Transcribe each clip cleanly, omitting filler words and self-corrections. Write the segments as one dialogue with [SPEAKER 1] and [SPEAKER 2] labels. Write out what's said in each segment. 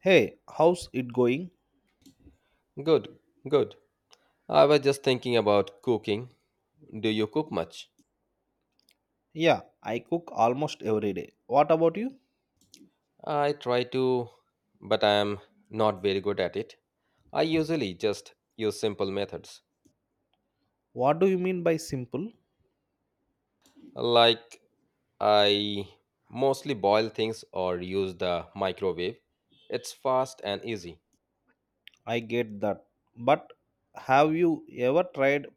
[SPEAKER 1] Hey, how's it going?
[SPEAKER 2] Good, good. I was just thinking about cooking. Do you cook much?
[SPEAKER 1] Yeah, I cook almost every day. What about you?
[SPEAKER 2] I try to, but I am not very good at it. I usually just use simple methods.
[SPEAKER 1] What do you mean by simple?
[SPEAKER 2] Like, I mostly boil things or use the microwave. It's fast and easy.
[SPEAKER 1] I get that. But have you ever tried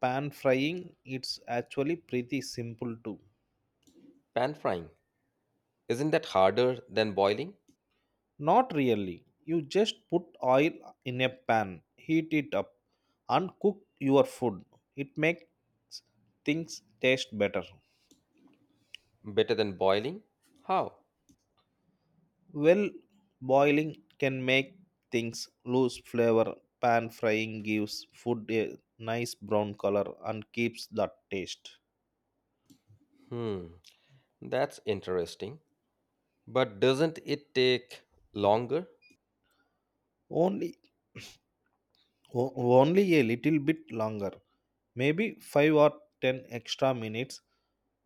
[SPEAKER 1] pan frying? It's actually pretty simple too.
[SPEAKER 2] Pan frying. Isn't that harder than boiling?
[SPEAKER 1] Not really. You just put oil in a pan, heat it up, and cook your food. It makes things taste better.
[SPEAKER 2] Better than boiling? How?
[SPEAKER 1] Well, boiling can make things lose flavor. Pan frying gives food a nice brown color and keeps that taste.
[SPEAKER 2] Hmm, that's interesting. But doesn't it take longer?
[SPEAKER 1] Only o- only a little bit longer, maybe 5 or 10 extra minutes,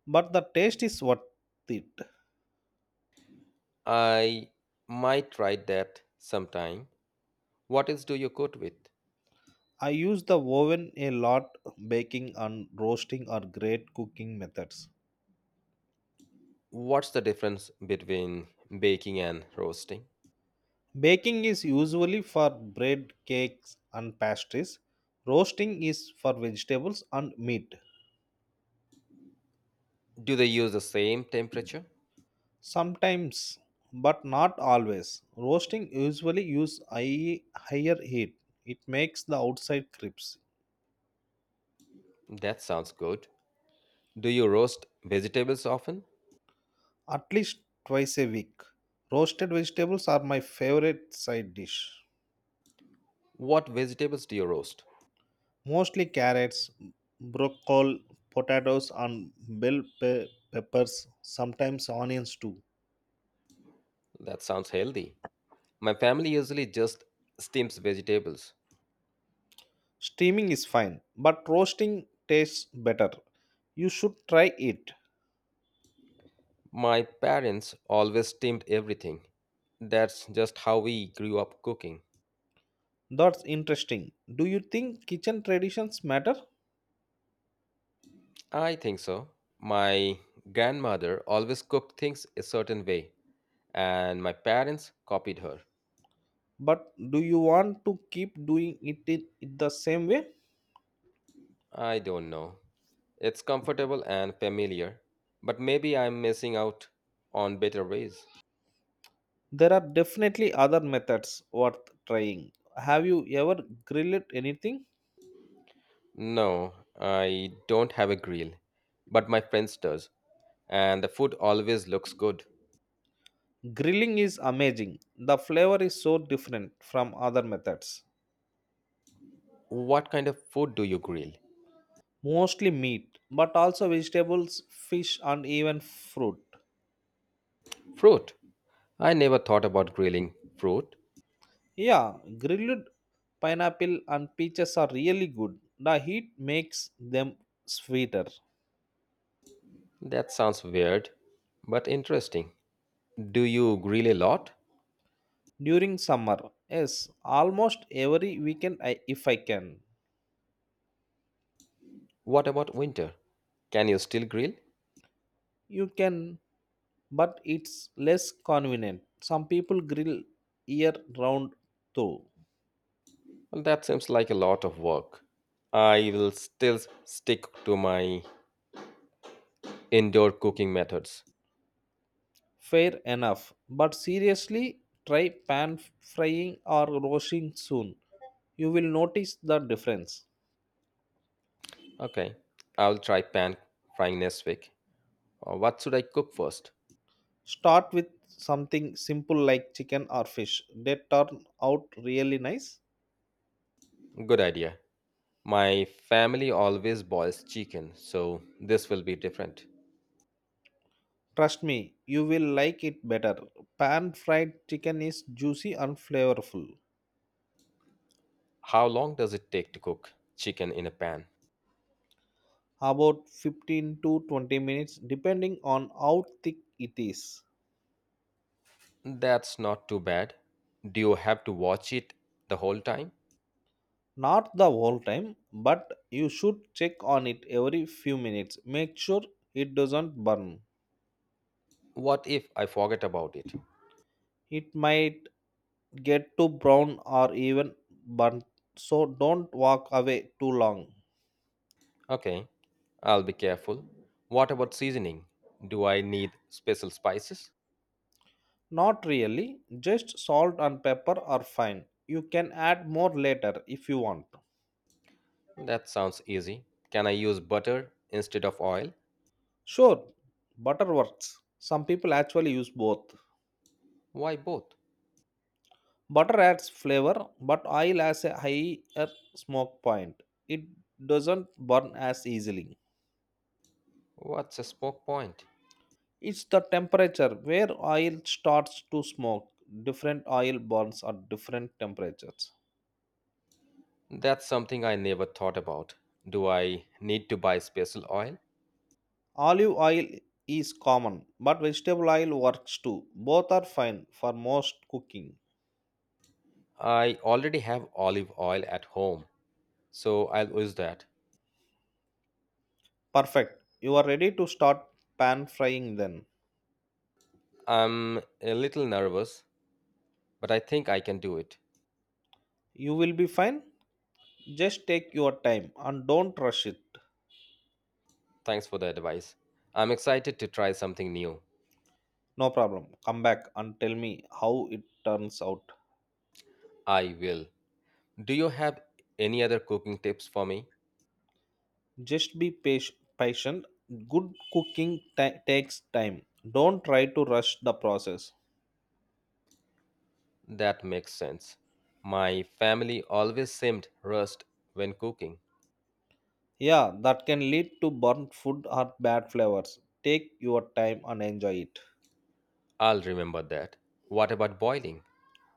[SPEAKER 1] but the taste is worth it.
[SPEAKER 2] I might try that sometime. What else do you cook with?
[SPEAKER 1] I use the oven a lot. Baking and roasting are great cooking methods.
[SPEAKER 2] What's the difference between baking and roasting?
[SPEAKER 1] Baking is usually for bread, cakes, and pastries. Roasting is for vegetables and meat.
[SPEAKER 2] Do they use the same temperature?
[SPEAKER 1] Sometimes, but not always. Roasting usually use higher heat. It makes the outside crisp.
[SPEAKER 2] That sounds good. Do you roast vegetables often?
[SPEAKER 1] At least twice a week. Roasted vegetables are my favorite side dish.
[SPEAKER 2] What vegetables do you roast?
[SPEAKER 1] Mostly carrots, broccoli, potatoes, and peppers. Sometimes onions too.
[SPEAKER 2] That sounds healthy. My family usually just steams vegetables.
[SPEAKER 1] Steaming is fine, but roasting tastes better. You should try it.
[SPEAKER 2] My parents always steamed everything. That's just how we grew up cooking.
[SPEAKER 1] That's interesting. Do you think kitchen traditions matter?
[SPEAKER 2] I think so. My grandmother always cooked things a certain way, and my parents copied her.
[SPEAKER 1] But do you want to keep doing it in the same way?
[SPEAKER 2] I don't know. It's comfortable and familiar, but maybe I'm missing out on better ways.
[SPEAKER 1] There are definitely other methods worth trying. Have you ever grilled anything?
[SPEAKER 2] No, I don't have a grill, but my friends does, and the food always looks good.
[SPEAKER 1] Grilling is amazing. The flavor is so different from other methods.
[SPEAKER 2] What kind of food do you grill?
[SPEAKER 1] Mostly meat, but also vegetables, fish, and even fruit.
[SPEAKER 2] Fruit. I never thought about grilling fruit.
[SPEAKER 1] Yeah, grilled pineapple and peaches are really good. The heat makes them sweeter.
[SPEAKER 2] That sounds weird, but interesting. Do you grill a lot?
[SPEAKER 1] During summer, yes, almost every weekend if I can.
[SPEAKER 2] What about winter? Can you still grill?
[SPEAKER 1] You can, but it's less convenient. Some people grill year round too.
[SPEAKER 2] Well, that seems like a lot of work. I will still stick to my indoor cooking methods.
[SPEAKER 1] Fair enough. But seriously, try pan frying or roasting soon. You will notice the difference.
[SPEAKER 2] Okay, I'll try pan frying next week. What should I cook first?
[SPEAKER 1] Start with something simple like chicken or fish. They turn out really nice.
[SPEAKER 2] Good idea. My family always boils chicken, so this will be different.
[SPEAKER 1] Trust me, you will like it better. Pan fried chicken is juicy and flavorful.
[SPEAKER 2] How long does it take to cook chicken in a pan?
[SPEAKER 1] About 15 to 20 minutes, depending on how thick it is.
[SPEAKER 2] That's not too bad. Do you have to watch it the whole time?
[SPEAKER 1] Not the whole time, but you should check on it every few minutes. Make sure it doesn't burn.
[SPEAKER 2] What if I forget about it?
[SPEAKER 1] It might get too brown or even burnt, so don't walk away too long.
[SPEAKER 2] Okay, I'll be careful. What about seasoning? Do I need special spices?
[SPEAKER 1] Not really, just salt and pepper are fine. You can add more later if you want.
[SPEAKER 2] That sounds easy. Can I use butter instead of oil?
[SPEAKER 1] Sure, butter works. Some people actually use both.
[SPEAKER 2] Why both?
[SPEAKER 1] Butter adds flavor, but oil has a higher smoke point. It doesn't burn as easily.
[SPEAKER 2] What's a smoke point?
[SPEAKER 1] It's the temperature where oil starts to smoke. Different oil burns at different temperatures.
[SPEAKER 2] That's something I never thought about. Do I need to buy special oil?
[SPEAKER 1] Olive oil is common, but vegetable oil works too. Both are fine for most cooking.
[SPEAKER 2] I already have olive oil at home, so I'll use that.
[SPEAKER 1] Perfect. You are ready to start pan frying then.
[SPEAKER 2] I'm a little nervous, but I think I can do it.
[SPEAKER 1] You will be fine. Just take your time and don't rush it.
[SPEAKER 2] Thanks for the advice. I'm excited to try something new.
[SPEAKER 1] No problem. Come back and tell me how it turns out.
[SPEAKER 2] I will. Do you have any other cooking tips for me?
[SPEAKER 1] Just be patient. Good cooking takes time. Don't try to rush the process.
[SPEAKER 2] That makes sense. My family always seemed rushed when cooking.
[SPEAKER 1] Yeah, that can lead to burnt food or bad flavors. Take your time and enjoy it.
[SPEAKER 2] I'll remember that. What about boiling?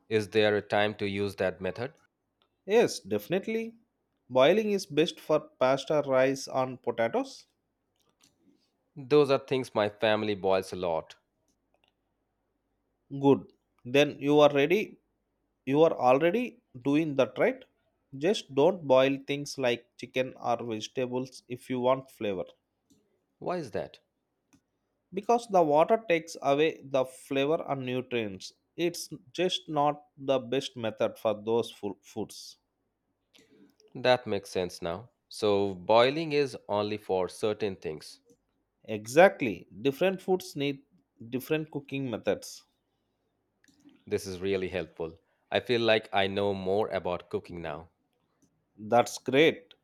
[SPEAKER 2] Is there a time to use that method?
[SPEAKER 1] Yes, definitely. Boiling is best for pasta, rice, and potatoes.
[SPEAKER 2] Those are things my family boils a lot.
[SPEAKER 1] Good, then you are already doing that right. Just don't boil things like chicken or vegetables if you want flavor.
[SPEAKER 2] Why is that?
[SPEAKER 1] Because the water takes away the flavor and nutrients, it's just not the best method for those foods.
[SPEAKER 2] That makes sense now. So, boiling is only for certain things.
[SPEAKER 1] Exactly, different foods need different cooking methods.
[SPEAKER 2] This is really helpful. I feel like I know more about cooking now.
[SPEAKER 1] That's great.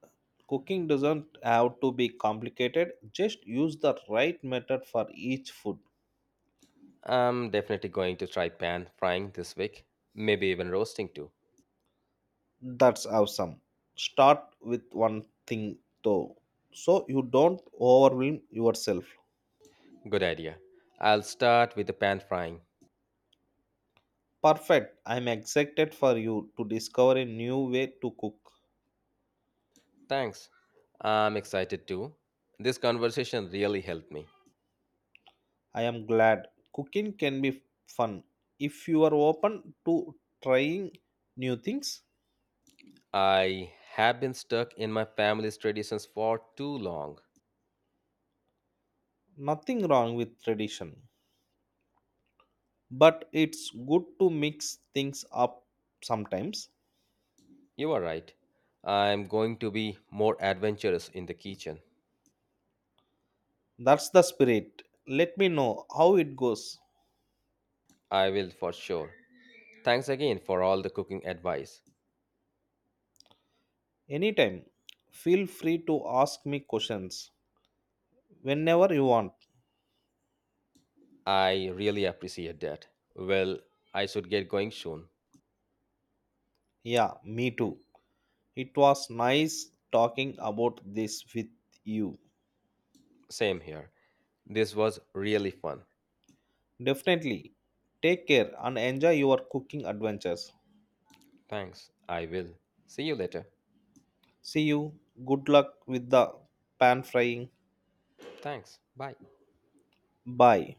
[SPEAKER 1] Cooking doesn't have to be complicated. Just use the right method for each food.
[SPEAKER 2] I'm definitely going to try pan frying this week, maybe even roasting too.
[SPEAKER 1] That's awesome. Start with one thing though, so you don't overwhelm yourself.
[SPEAKER 2] Good idea. I'll start with the pan frying.
[SPEAKER 1] Perfect. I'm excited for you to discover a new way to cook.
[SPEAKER 2] Thanks. I'm excited too. This conversation really helped me.
[SPEAKER 1] I am glad. Cooking can be fun if you are open to trying new things.
[SPEAKER 2] I have been stuck in my family's traditions for too long.
[SPEAKER 1] Nothing wrong with tradition, but it's good to mix things up sometimes.
[SPEAKER 2] You are right. I'm going to be more adventurous in the kitchen.
[SPEAKER 1] That's the spirit. Let me know how it goes.
[SPEAKER 2] I will for sure. Thanks again for all the cooking advice.
[SPEAKER 1] Anytime, feel free to ask me questions whenever you want.
[SPEAKER 2] I really appreciate that. Well, I should get going soon.
[SPEAKER 1] Yeah, me too. It was nice talking about this with you.
[SPEAKER 2] Same here. This was really fun.
[SPEAKER 1] Definitely. Take care and enjoy your cooking adventures.
[SPEAKER 2] Thanks. I will. See you later.
[SPEAKER 1] See you. Good luck with the pan frying.
[SPEAKER 2] Thanks. Bye.
[SPEAKER 1] Bye.